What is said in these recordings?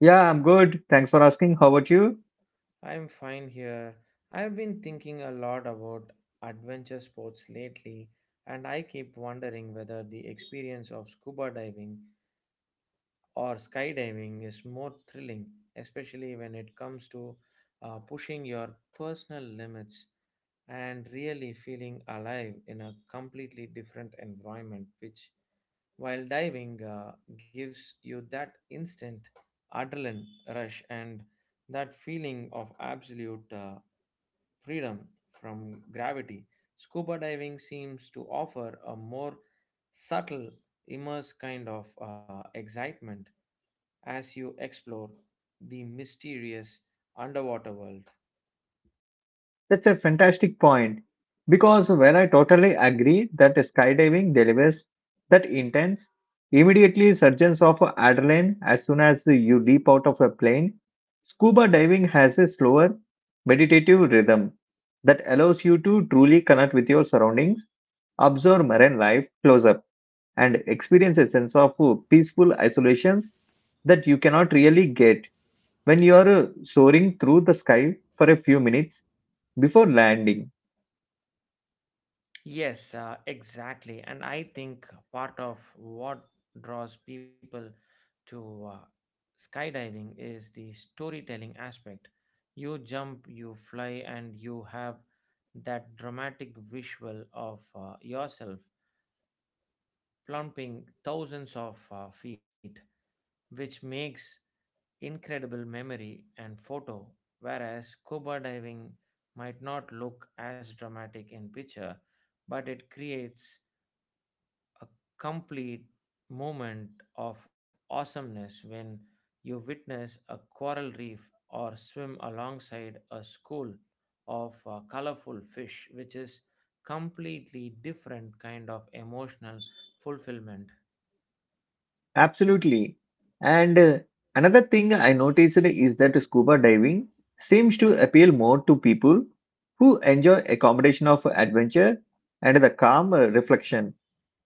Yeah, I'm good. Thanks for asking. How about you? I'm fine here. I've been thinking a lot about adventure sports lately, and I keep wondering whether the experience of scuba diving or skydiving is more thrilling, especially when it comes to pushing your personal limits. And really feeling alive in a completely different environment, which, while diving, gives you that instant adrenaline rush and that feeling of absolute freedom from gravity. Scuba diving seems to offer a more subtle, immersive kind of excitement as you explore the mysterious underwater world. That's a fantastic point. Because when I totally agree that skydiving delivers that intense, immediately surges of adrenaline as soon as you leap out of a plane, scuba diving has a slower, meditative rhythm that allows you to truly connect with your surroundings, observe marine life close up, and experience a sense of peaceful isolations that you cannot really get when you're soaring through the sky for a few minutes before landing. Yes, exactly. And I think part of what draws people to skydiving is the storytelling aspect. You jump, you fly, and you have that dramatic visual of yourself plumping thousands of feet, which makes incredible memory and photo. Whereas scuba diving might not look as dramatic in picture, but it creates a complete moment of awesomeness when you witness a coral reef or swim alongside a school of colorful fish which is completely different kind of emotional fulfillment. Absolutely. And another thing I noticed is that scuba diving seems to appeal more to people who enjoy a combination of adventure and the calm reflection,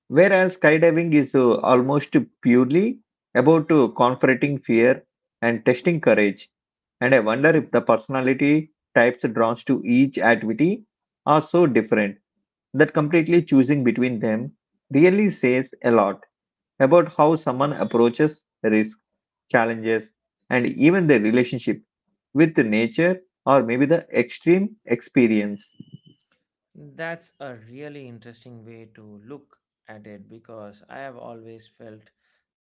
whereas skydiving is almost purely about confronting fear and testing courage. And I wonder if the personality types drawn to each activity are so different that completely choosing between them really says a lot about how someone approaches risk, challenges, and even their relationship with the nature or maybe the extreme experience. That's a really interesting way to look at it because I have always felt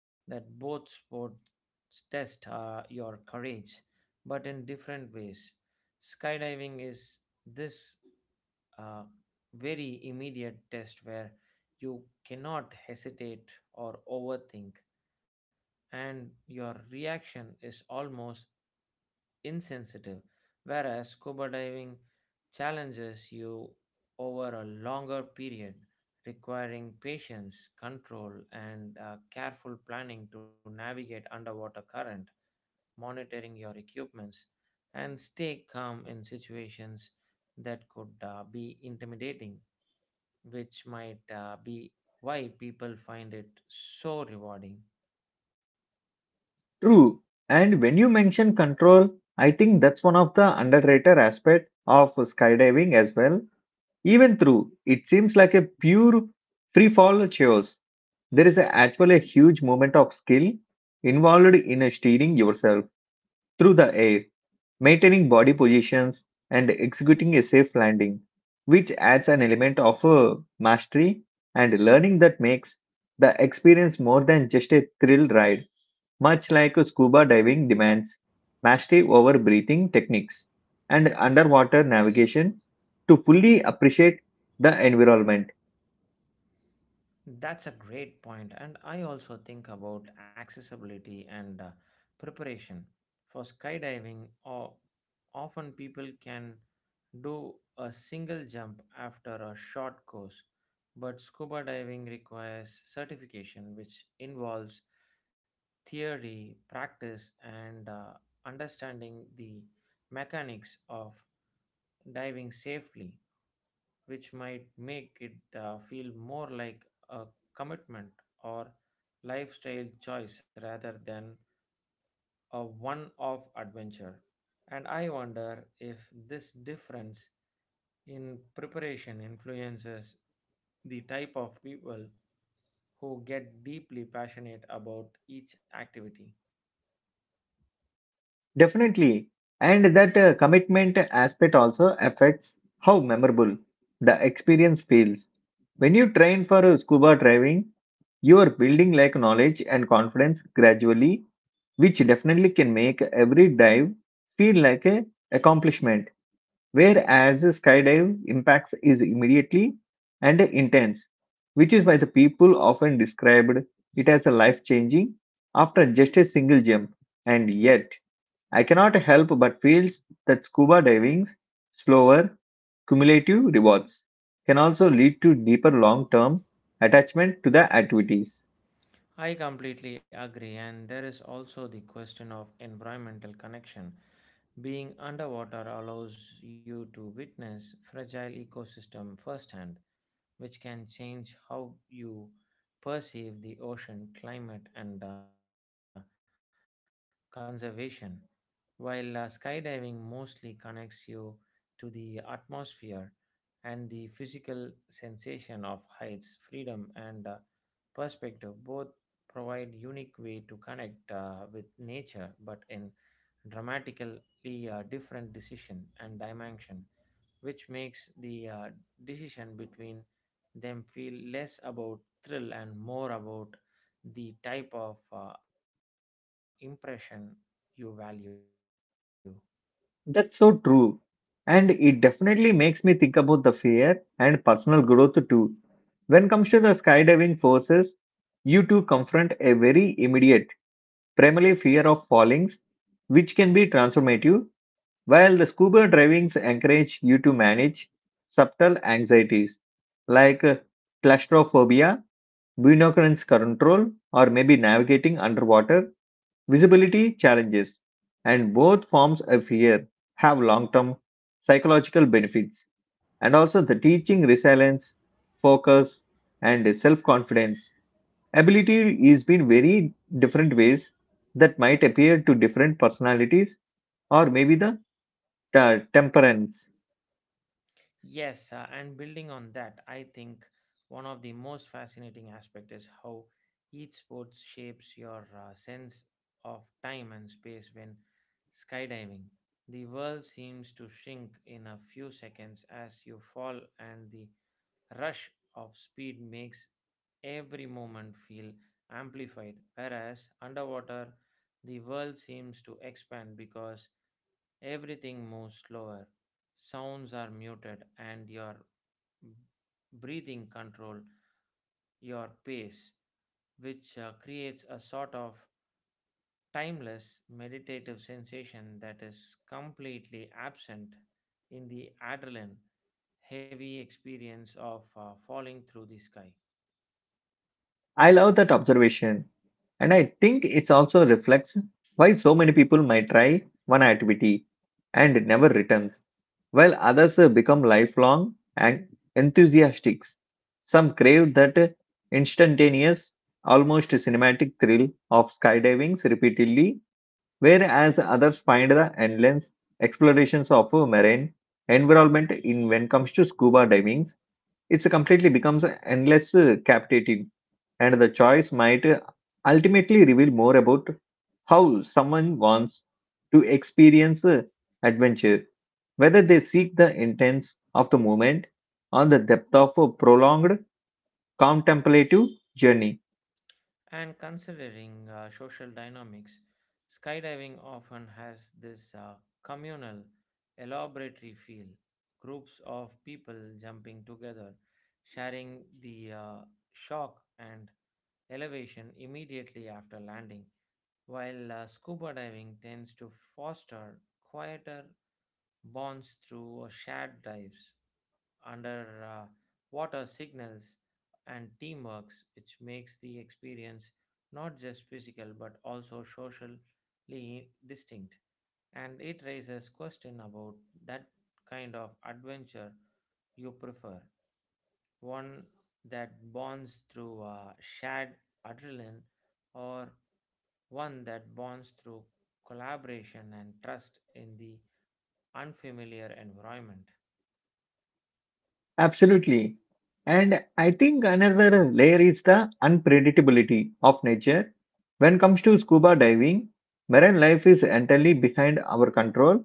that both sports test your courage, but in different ways. Skydiving is this uh, very immediate test where you cannot hesitate or overthink, and your reaction is almost insensitive, whereas scuba diving challenges you over a longer period, requiring patience, control, and careful planning to navigate underwater current, monitoring your equipments, and stay calm in situations that could be intimidating, which might be why people find it so rewarding. True. And when you mention control, I think that's one of the underrated aspect of skydiving as well. Even through it seems like a pure free fall chaos, there is a, actually a huge moment of skill involved in steering yourself through the air maintaining body positions, and executing a safe landing, which adds an element of mastery and learning that makes the experience more than just a thrill ride, much like scuba diving demands mastery over breathing techniques and underwater navigation to fully appreciate the environment. That's a great point, and I also think about accessibility and preparation for skydiving. Or often people can do a single jump after a short course, but scuba diving requires certification, which involves theory, practice, and understanding the mechanics of diving safely which might make it feel more like a commitment or lifestyle choice rather than a one off adventure. And I wonder if this difference in preparation influences the type of people who get deeply passionate about each activity. Definitely. And that commitment aspect also affects how memorable the experience feels. When you train for scuba diving, you are building like knowledge and confidence gradually, which definitely can make every dive feel like a accomplishment. Whereas a skydive impacts is immediately and intense, which is why the people often described it as a life changing after just a single jump. And yet, I cannot help but feels that scuba diving's slower cumulative rewards can also lead to deeper long term attachment to the activities. I completely agree, and there is also the question of environmental connection. Being underwater allows you to witness fragile ecosystem firsthand, which can change how you perceive the ocean climate and conservation. While skydiving mostly connects you to the atmosphere and the physical sensation of heights, freedom, and perspective. Both provide unique way to connect with nature, but in dramatically different decision and dimension, which makes the decision between them feel less about thrill and more about the type of impression you value. That's so true. And it definitely makes me think about the fear and personal growth too. When it comes to the skydiving forces, you two confront a very immediate, primarily fear of fallings, which can be transformative, while the scuba divings encourage you to manage subtle anxieties like claustrophobia, binoculars control, or maybe navigating underwater visibility challenges, and both forms of fear have long term psychological benefits and also the teaching resilience, focus, and self confidence. Ability is been very different ways that might appear to different personalities or maybe the temperance. Yes, and building on that, I think one of the most fascinating aspect is how each sport shapes your sense of time and space when skydiving. The world seems to shrink in a few seconds as you fall, and the rush of speed makes every moment feel amplified. Whereas underwater, the world seems to expand because everything moves slower, sounds are muted, and your breathing control your pace, which creates a sort of timeless meditative sensation that is completely absent in the adrenaline heavy experience of falling through the sky. I love that observation. And I think it also reflects why so many people might try one activity and it never returns, while others become lifelong and enthusiastics. Some crave that instantaneous, almost cinematic thrill of skydivings repeatedly, whereas others find the endless explorations of marine environment in when it comes to scuba divings. It's completely becomes endless captivating and the choice might ultimately reveal more about how someone wants to experience adventure, whether they seek the intents of the moment or the depth of a prolonged contemplative journey. And considering social dynamics, skydiving often has this communal, elaboratory feel. Groups of people jumping together, sharing the shock and elevation immediately after landing, while scuba diving tends to foster quieter bonds through shared dives under water signals and teamwork, which makes the experience not just physical but also socially distinct. And it raises question about that kind of adventure you prefer, one that bonds through shared adrenaline, or one that bonds through collaboration and trust in the unfamiliar environment. Absolutely. And I think another layer is the unpredictability of nature. When it comes to scuba diving, marine life is entirely behind our control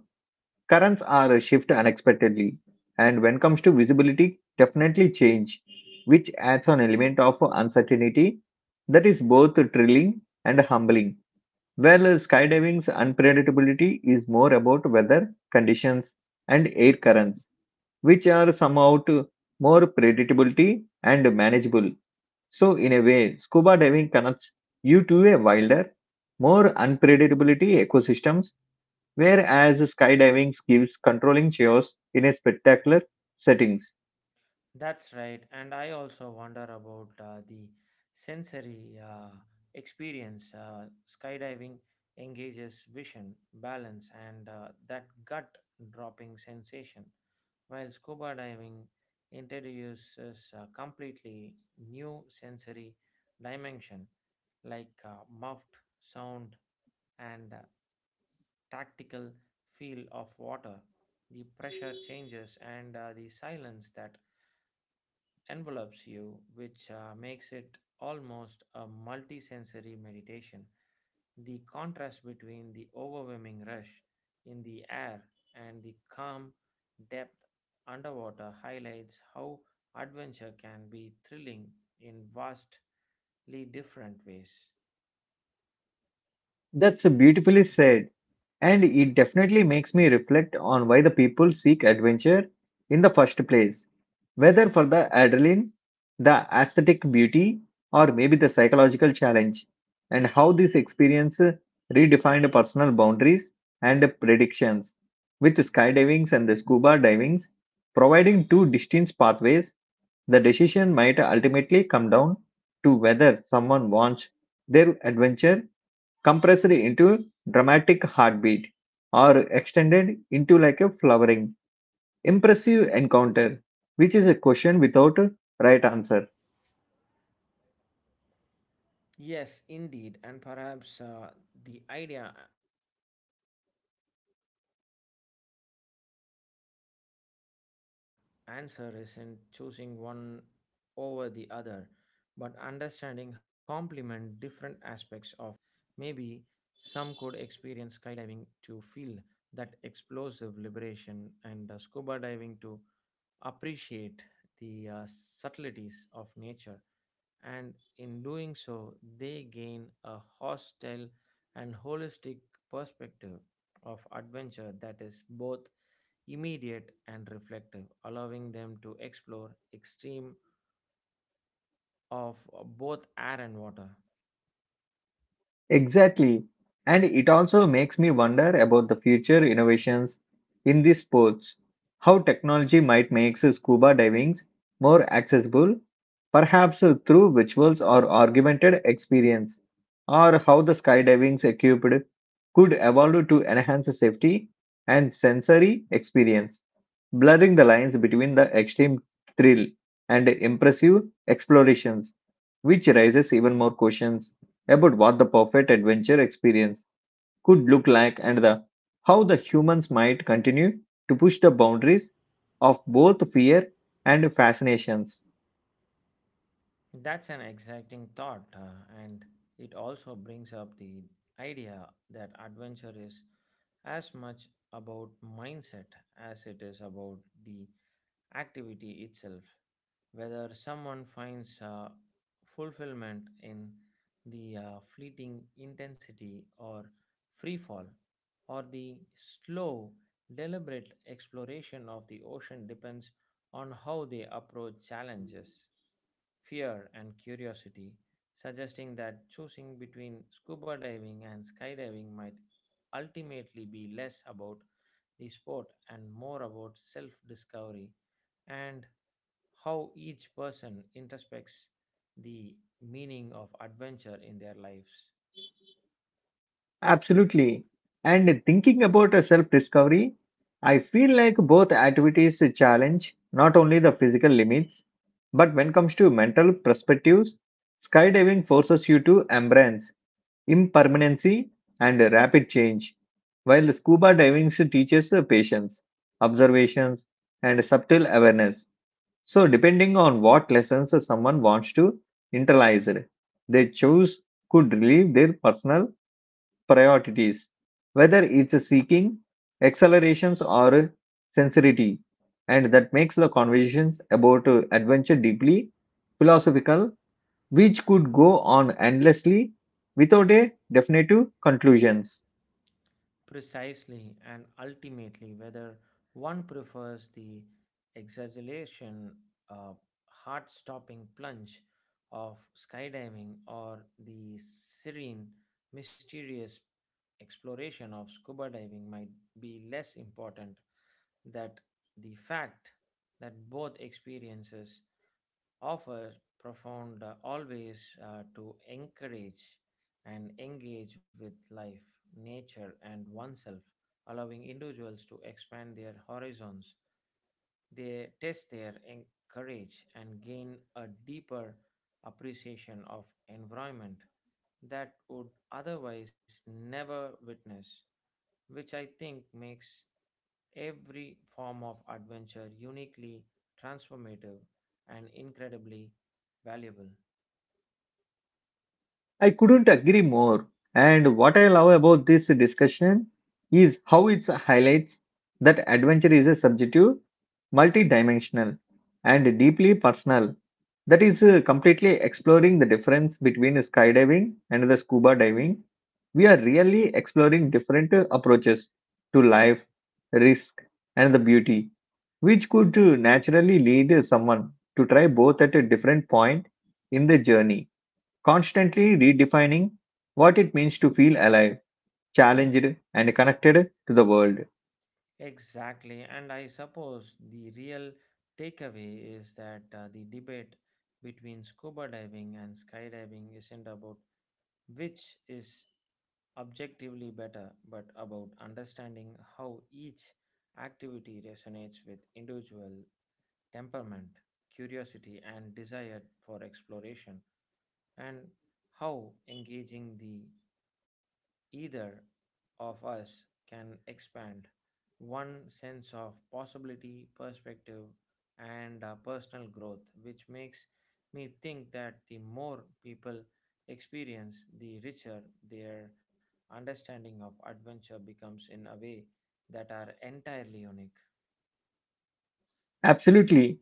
currents are shift unexpectedly and when comes to visibility definitely change which adds an element of uncertainty that is both thrilling and humbling. While skydiving's unpredictability is more about weather conditions and air currents which are somehow to more predictability and manageable, so in a way scuba diving connects you to a wilder more unpredictability ecosystems. Whereas skydiving gives controlling chaos in a spectacular settings. That's right. And I also wonder about the sensory experience. Skydiving engages vision, balance, and that gut dropping sensation, while scuba diving introduces a completely new sensory dimension like muffed sound and tactical feel of water. The pressure changes and the silence that envelops you, which makes it almost a multisensory meditation. The contrast between the overwhelming rush in the air and the calm depth underwater highlights how adventure can be thrilling in vastly different ways. That's beautifully said, and it definitely makes me reflect on why the people seek adventure in the first place. Whether for the adrenaline, the aesthetic beauty, or maybe the psychological challenge, and how this experience redefined personal boundaries and predictions. With skydivings and the scuba divings providing two distinct pathways, the decision might ultimately come down to whether someone wants their adventure compressed into dramatic heartbeat or extended into like a flowering, impressive encounter, which is a question without a right answer. Yes, indeed, and perhaps the idea answer isn't choosing one over the other, but understanding how both can complement different aspects of personal growth, thrill, and connection with the environment. Maybe some could experience skydiving to feel that explosive liberation, and scuba diving to appreciate the subtleties of nature and in doing so, they gain a hostile and holistic perspective of adventure that is both immediate and reflective, allowing them to explore extreme of both air and water. Exactly. And it also makes me wonder about the future innovations in these sports, how technology might make scuba diving more accessible, perhaps through rituals or augmented experience, or how the skydiving equipped could evolve to enhance safety and sensory experience, blurring the lines between the extreme thrill and impressive explorations which raises even more questions about what the perfect adventure experience could look like and the how the humans might continue to push the boundaries of both fear and fascinations. That's an exciting thought, and it also brings up the idea that adventure is as much about mindset as it is about the activity itself, whether someone finds fulfillment in the fleeting intensity or free fall, or the slow, deliberate exploration of the ocean depends on how they approach challenges, fear, and curiosity, suggesting that choosing between scuba diving and skydiving might ultimately be less about the sport and more about self discovery and how each person introspects the meaning of adventure in their lives. Absolutely. And thinking about self discovery, I feel like both activities challenge not only the physical limits, but when it comes to mental perspectives, skydiving forces you to embrace impermanency, and rapid change, while scuba diving teaches patience, observations, and subtle awareness. So, depending on what lessons someone wants to internalize, they choose could relieve their personal priorities, whether it's seeking accelerations or sincerity, and that makes the conversations about adventure deeply philosophical which could go on endlessly without a definitive conclusion. Precisely, and ultimately, whether one prefers the exaggeration, uh, heart stopping plunge of skydiving or the serene, mysterious exploration of scuba diving, might be less important that the fact that both experiences offers profound always to encourage and engage with life, nature, and oneself, allowing individuals to expand their horizons. They test their courage and gain a deeper appreciation of environment that would otherwise never witness, which I think makes every form of adventure uniquely transformative and incredibly valuable. I couldn't agree more. And what I love about this discussion is how it highlights that adventure is a subjective, multidimensional, and deeply personal. That is completely exploring the difference between skydiving and the scuba diving. We are really exploring different approaches to life, risk, and the beauty, which could naturally lead someone to try both at a different point in the journey constantly redefining what it means to feel alive, challenged, and connected to the world. Exactly. And I suppose the real takeaway is that the debate between scuba diving and skydiving isn't about which is objectively better, but about understanding how each activity resonates with individual temperament, curiosity, and desire for exploration, and how engaging the either of us can expand one sense of possibility, perspective, and personal growth, which makes me think that the more people experience, the richer their understanding of adventure becomes in a way that are entirely unique. Absolutely.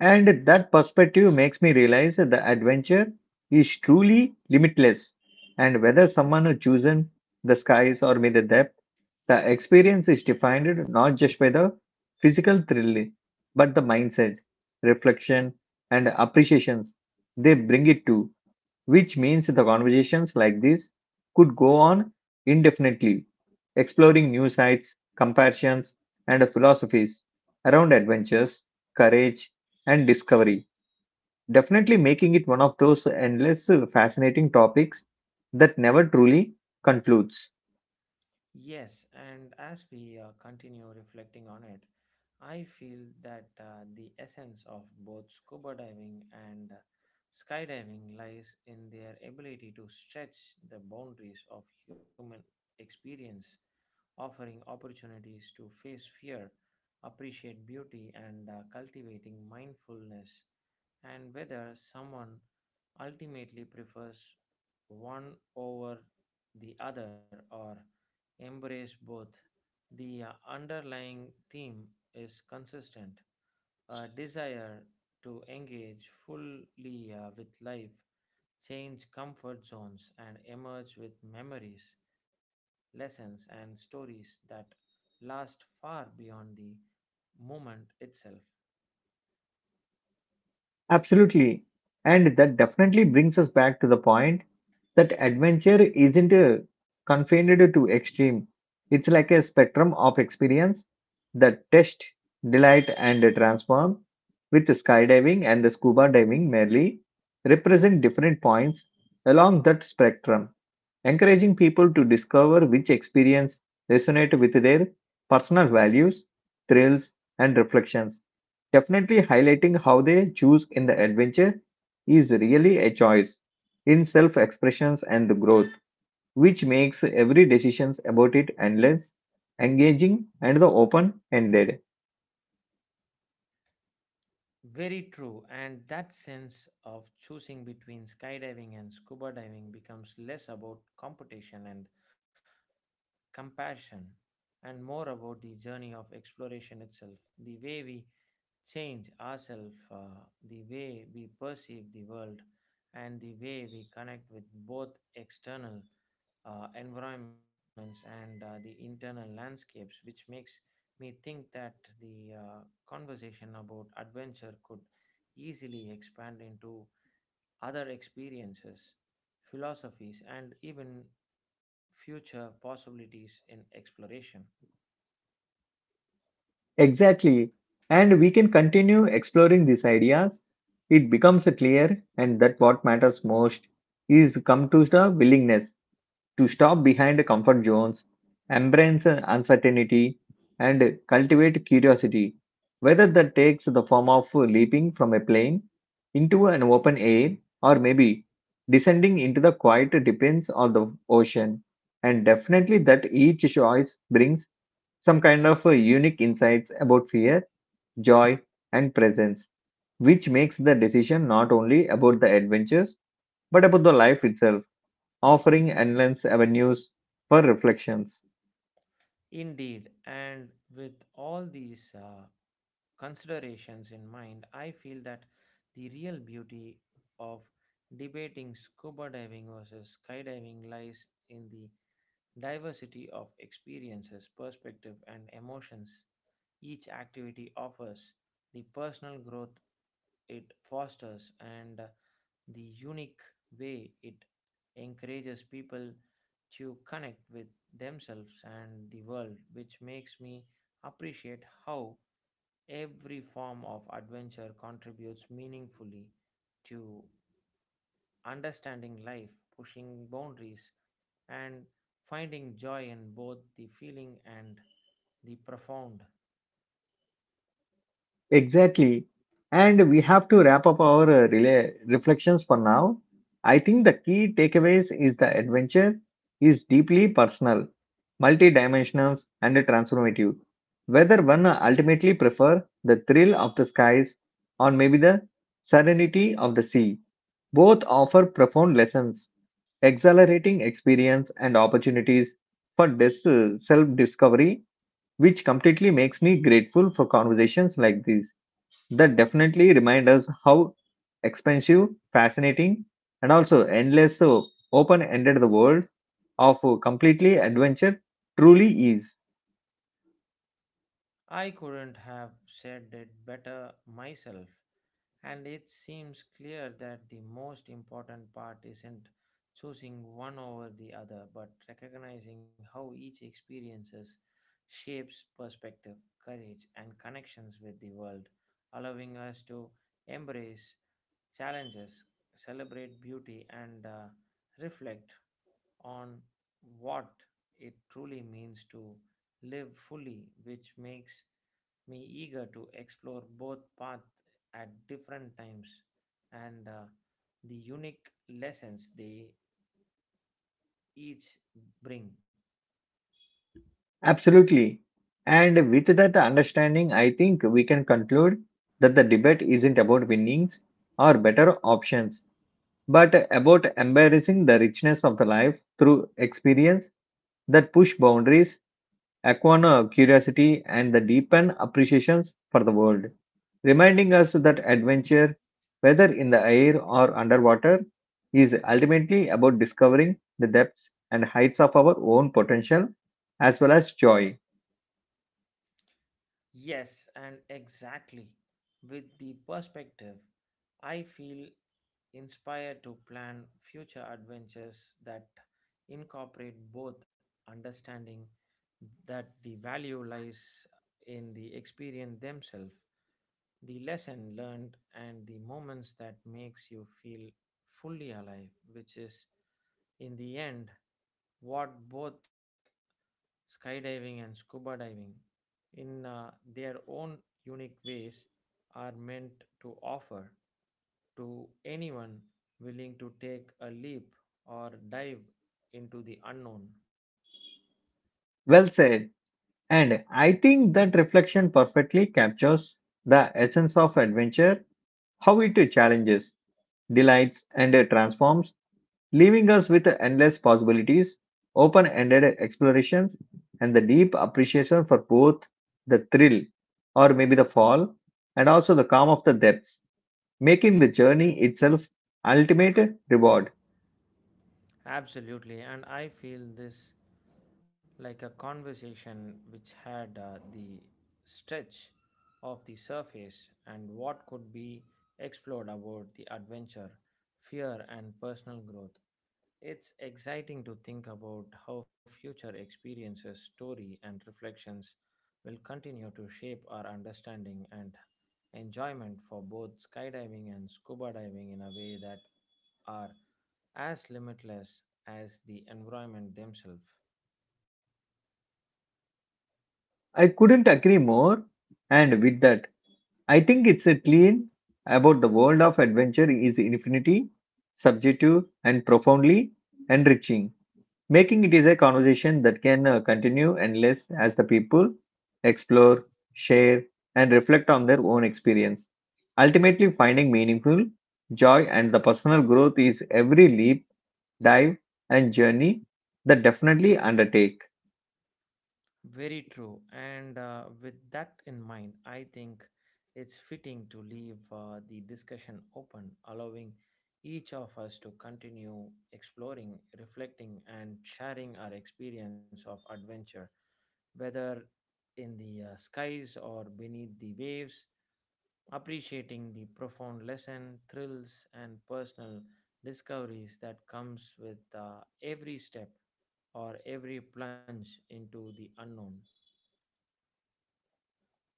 And that perspective makes me realize that the adventure is truly limitless. And whether someone has chosen the skies or made the depth, the experience is defined not just by the physical thrill, but the mindset, reflection, and appreciations they bring it to, which means the conversations like this could go on indefinitely, exploring new sites, comparisons, and philosophies around adventures, courage, and discovery. Definitely making it one of those endless, fascinating topics that never truly concludes. Yes, and as we continue reflecting on it, I feel that the essence of both scuba diving and skydiving lies in their ability to stretch the boundaries of human experience, offering opportunities to face fear, appreciate beauty, and cultivating mindfulness. And whether someone ultimately prefers one over the other or embrace both. The underlying theme is consistent a desire to engage fully with life, change comfort zones, and emerge with memories, lessons, and stories that last far beyond the moment itself. Absolutely. And that definitely brings us back to the point that adventure isn't confined to extreme. It's like a spectrum of experience that test, delight, and transform, with skydiving and the scuba diving merely represent different points along that spectrum encouraging people to discover which experience resonate with their personal values, thrills, and reflections. Definitely highlighting how they choose in the adventure is really a choice in self-expressions and growth, which makes every decision about it endless, engaging, and the open-ended. Very true, and that sense of choosing between skydiving and scuba diving becomes less about competition and compassion, and more about the journey of exploration itself, the way we change ourselves, the way we perceive the world, and the way we connect with both external environments and the internal landscapes, which makes me think that the conversation about adventure could easily expand into other experiences, philosophies, and even future possibilities in exploration. Exactly. And we can continue exploring these ideas. It becomes clear and that what matters most is come to the willingness to stop behind comfort zones, embrace uncertainty, and cultivate curiosity, whether that takes the form of leaping from a plane into an open air or maybe descending into the quiet depths of the ocean. And definitely, that each choice brings some kind of unique insights about fear, joy, and presence, which makes the decision not only about the adventures but about the life itself offering endless avenues for reflections. Indeed, and with all these considerations in mind, I feel that the real beauty of debating scuba diving versus skydiving lies in the diversity of experiences, perspective, and emotions each activity offers, the personal growth it fosters and the unique way it encourages people to connect with themselves and the world, which makes me appreciate how every form of adventure contributes meaningfully to understanding life, pushing boundaries, and finding joy in both the feeling and the profound. Exactly. And we have to wrap up our reflections for now. I think the key takeaways is the adventure is deeply personal, multidimensional, and transformative. Whether one ultimately prefer the thrill of the skies or maybe the serenity of the sea, both offer profound lessons, exhilarating experience, and opportunities for self discovery which completely makes me grateful for conversations like these that definitely remind us how expensive, fascinating, and also endless so open ended the world of completely adventure truly is. I couldn't have said it better myself, and it seems clear that the most important part isn't choosing one over the other, but recognizing how each experiences shapes perspective, courage, and connections with the world, allowing us to embrace challenges, celebrate beauty, and reflect on what it truly means to live fully, which makes me eager to explore both paths at different times and the unique lessons they each bring. Absolutely. And with that understanding, I think we can conclude that the debate isn't about winnings or better options, but about embracing the richness of the life through experience that push boundaries Aquana curiosity and the deepen appreciations for the world, reminding us that adventure, whether in the air or underwater, is ultimately about discovering the depths and heights of our own potential as well as joy. Yes, and exactly. With the perspective, I feel inspired to plan future adventures that incorporate both understanding that the value lies in the experience themselves the lesson learned and the moments that makes you feel fully alive which is in the end what both skydiving and scuba diving in their own unique ways are meant to offer to anyone willing to take a leap or dive into the unknown. Well said. And I think that reflection perfectly captures the essence of adventure, how it challenges, delights, and transforms leaving us with endless possibilities, open ended explorations, and the deep appreciation for both the thrill or maybe the fall and also the calm of the depths, making the journey itself ultimate reward. Absolutely, and I feel this like a conversation which had the stretch of the surface and what could be explored about the adventure, fear, and personal growth. It's exciting to think about how future experiences, story, and reflections will continue to shape our understanding and enjoyment for both skydiving and scuba diving in a way that are as limitless as the environment themselves. I couldn't agree more, and with that, I think it's a clean about the world of adventure is infinity, subjective, and profoundly enriching, making it is a conversation that can continue endless as the people explore, share, and reflect on their own experience. Ultimately, finding meaningful joy and the personal growth is every leap, dive, and journey that definitely undertake. Very true. And with that in mind, I think it's fitting to leave the discussion open, allowing each of us to continue exploring, reflecting, and sharing our experience of adventure, whether in the skies or beneath the waves, appreciating the profound lesson, thrills, and personal discoveries that comes with every step or every plunge into the unknown.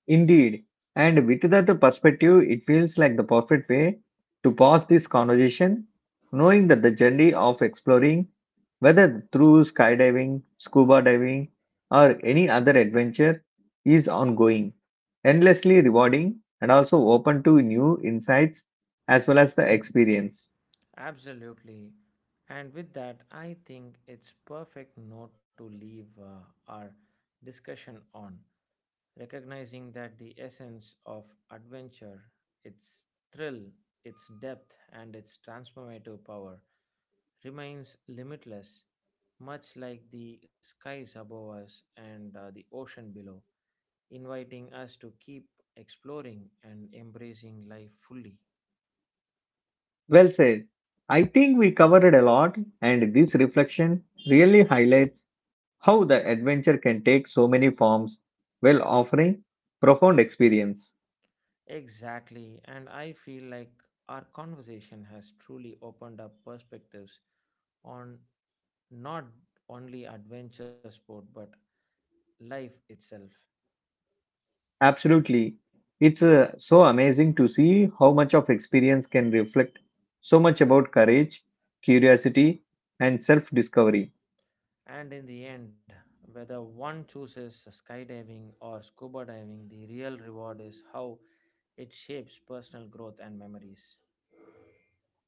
Indeed. And with that perspective, it feels like the perfect way to pause this conversation, knowing that the journey of exploring, whether through skydiving, scuba diving, or any other adventure, is ongoing, endlessly rewarding, and also open to new insights as well as the experience. Absolutely. And with that, I think it's perfect note to leave our discussion on recognizing that the essence of adventure, its thrill, its depth, and its transformative power remains limitless, much like the skies above us and the ocean below, inviting us to keep exploring and embracing life fully. Well said. I think we covered a lot, and this reflection really highlights how the adventure can take so many forms while offering profound experience. Exactly, and I feel like our conversation has truly opened up perspectives on not only adventure sport but life itself. Absolutely. It's so amazing to see how much of experience can reflect so much about courage, curiosity, and self discovery. And in the end, whether one chooses skydiving or scuba diving, the real reward is how it shapes personal growth and memories.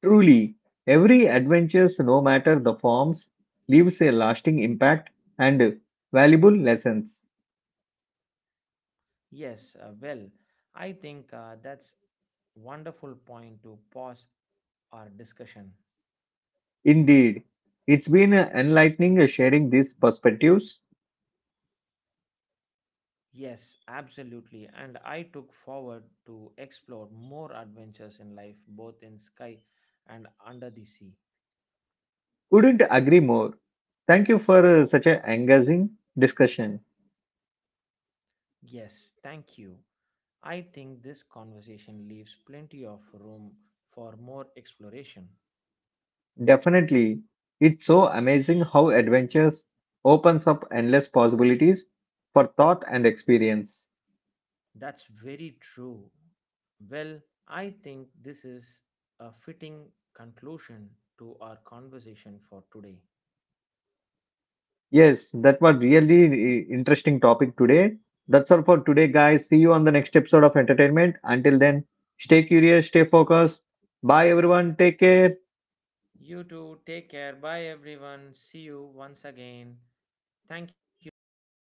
Truly, every adventure, no matter the forms, leaves a lasting impact and valuable lessons. Yes, well, I think that's wonderful point to pause our discussion. Indeed, it's been enlightening sharing these perspectives. Yes, absolutely. And I took forward to explore more adventures in life, both in sky and under the sea. Couldn't agree more. Thank you for such an engaging discussion. Yes, thank you. I think this conversation leaves plenty of room for more exploration. Definitely, it's so amazing how adventures opens up endless possibilities for thought and experience. That's very true. Well, I think this is a fitting conclusion to our conversation for today. Yes, that was really interesting topic today. That's all for today, guys. See you on the next episode of Entertainment. Until then, stay curious, stay focused. Bye, everyone. Take care. You too. Take care. Bye, everyone. See you once again. Thank you so much.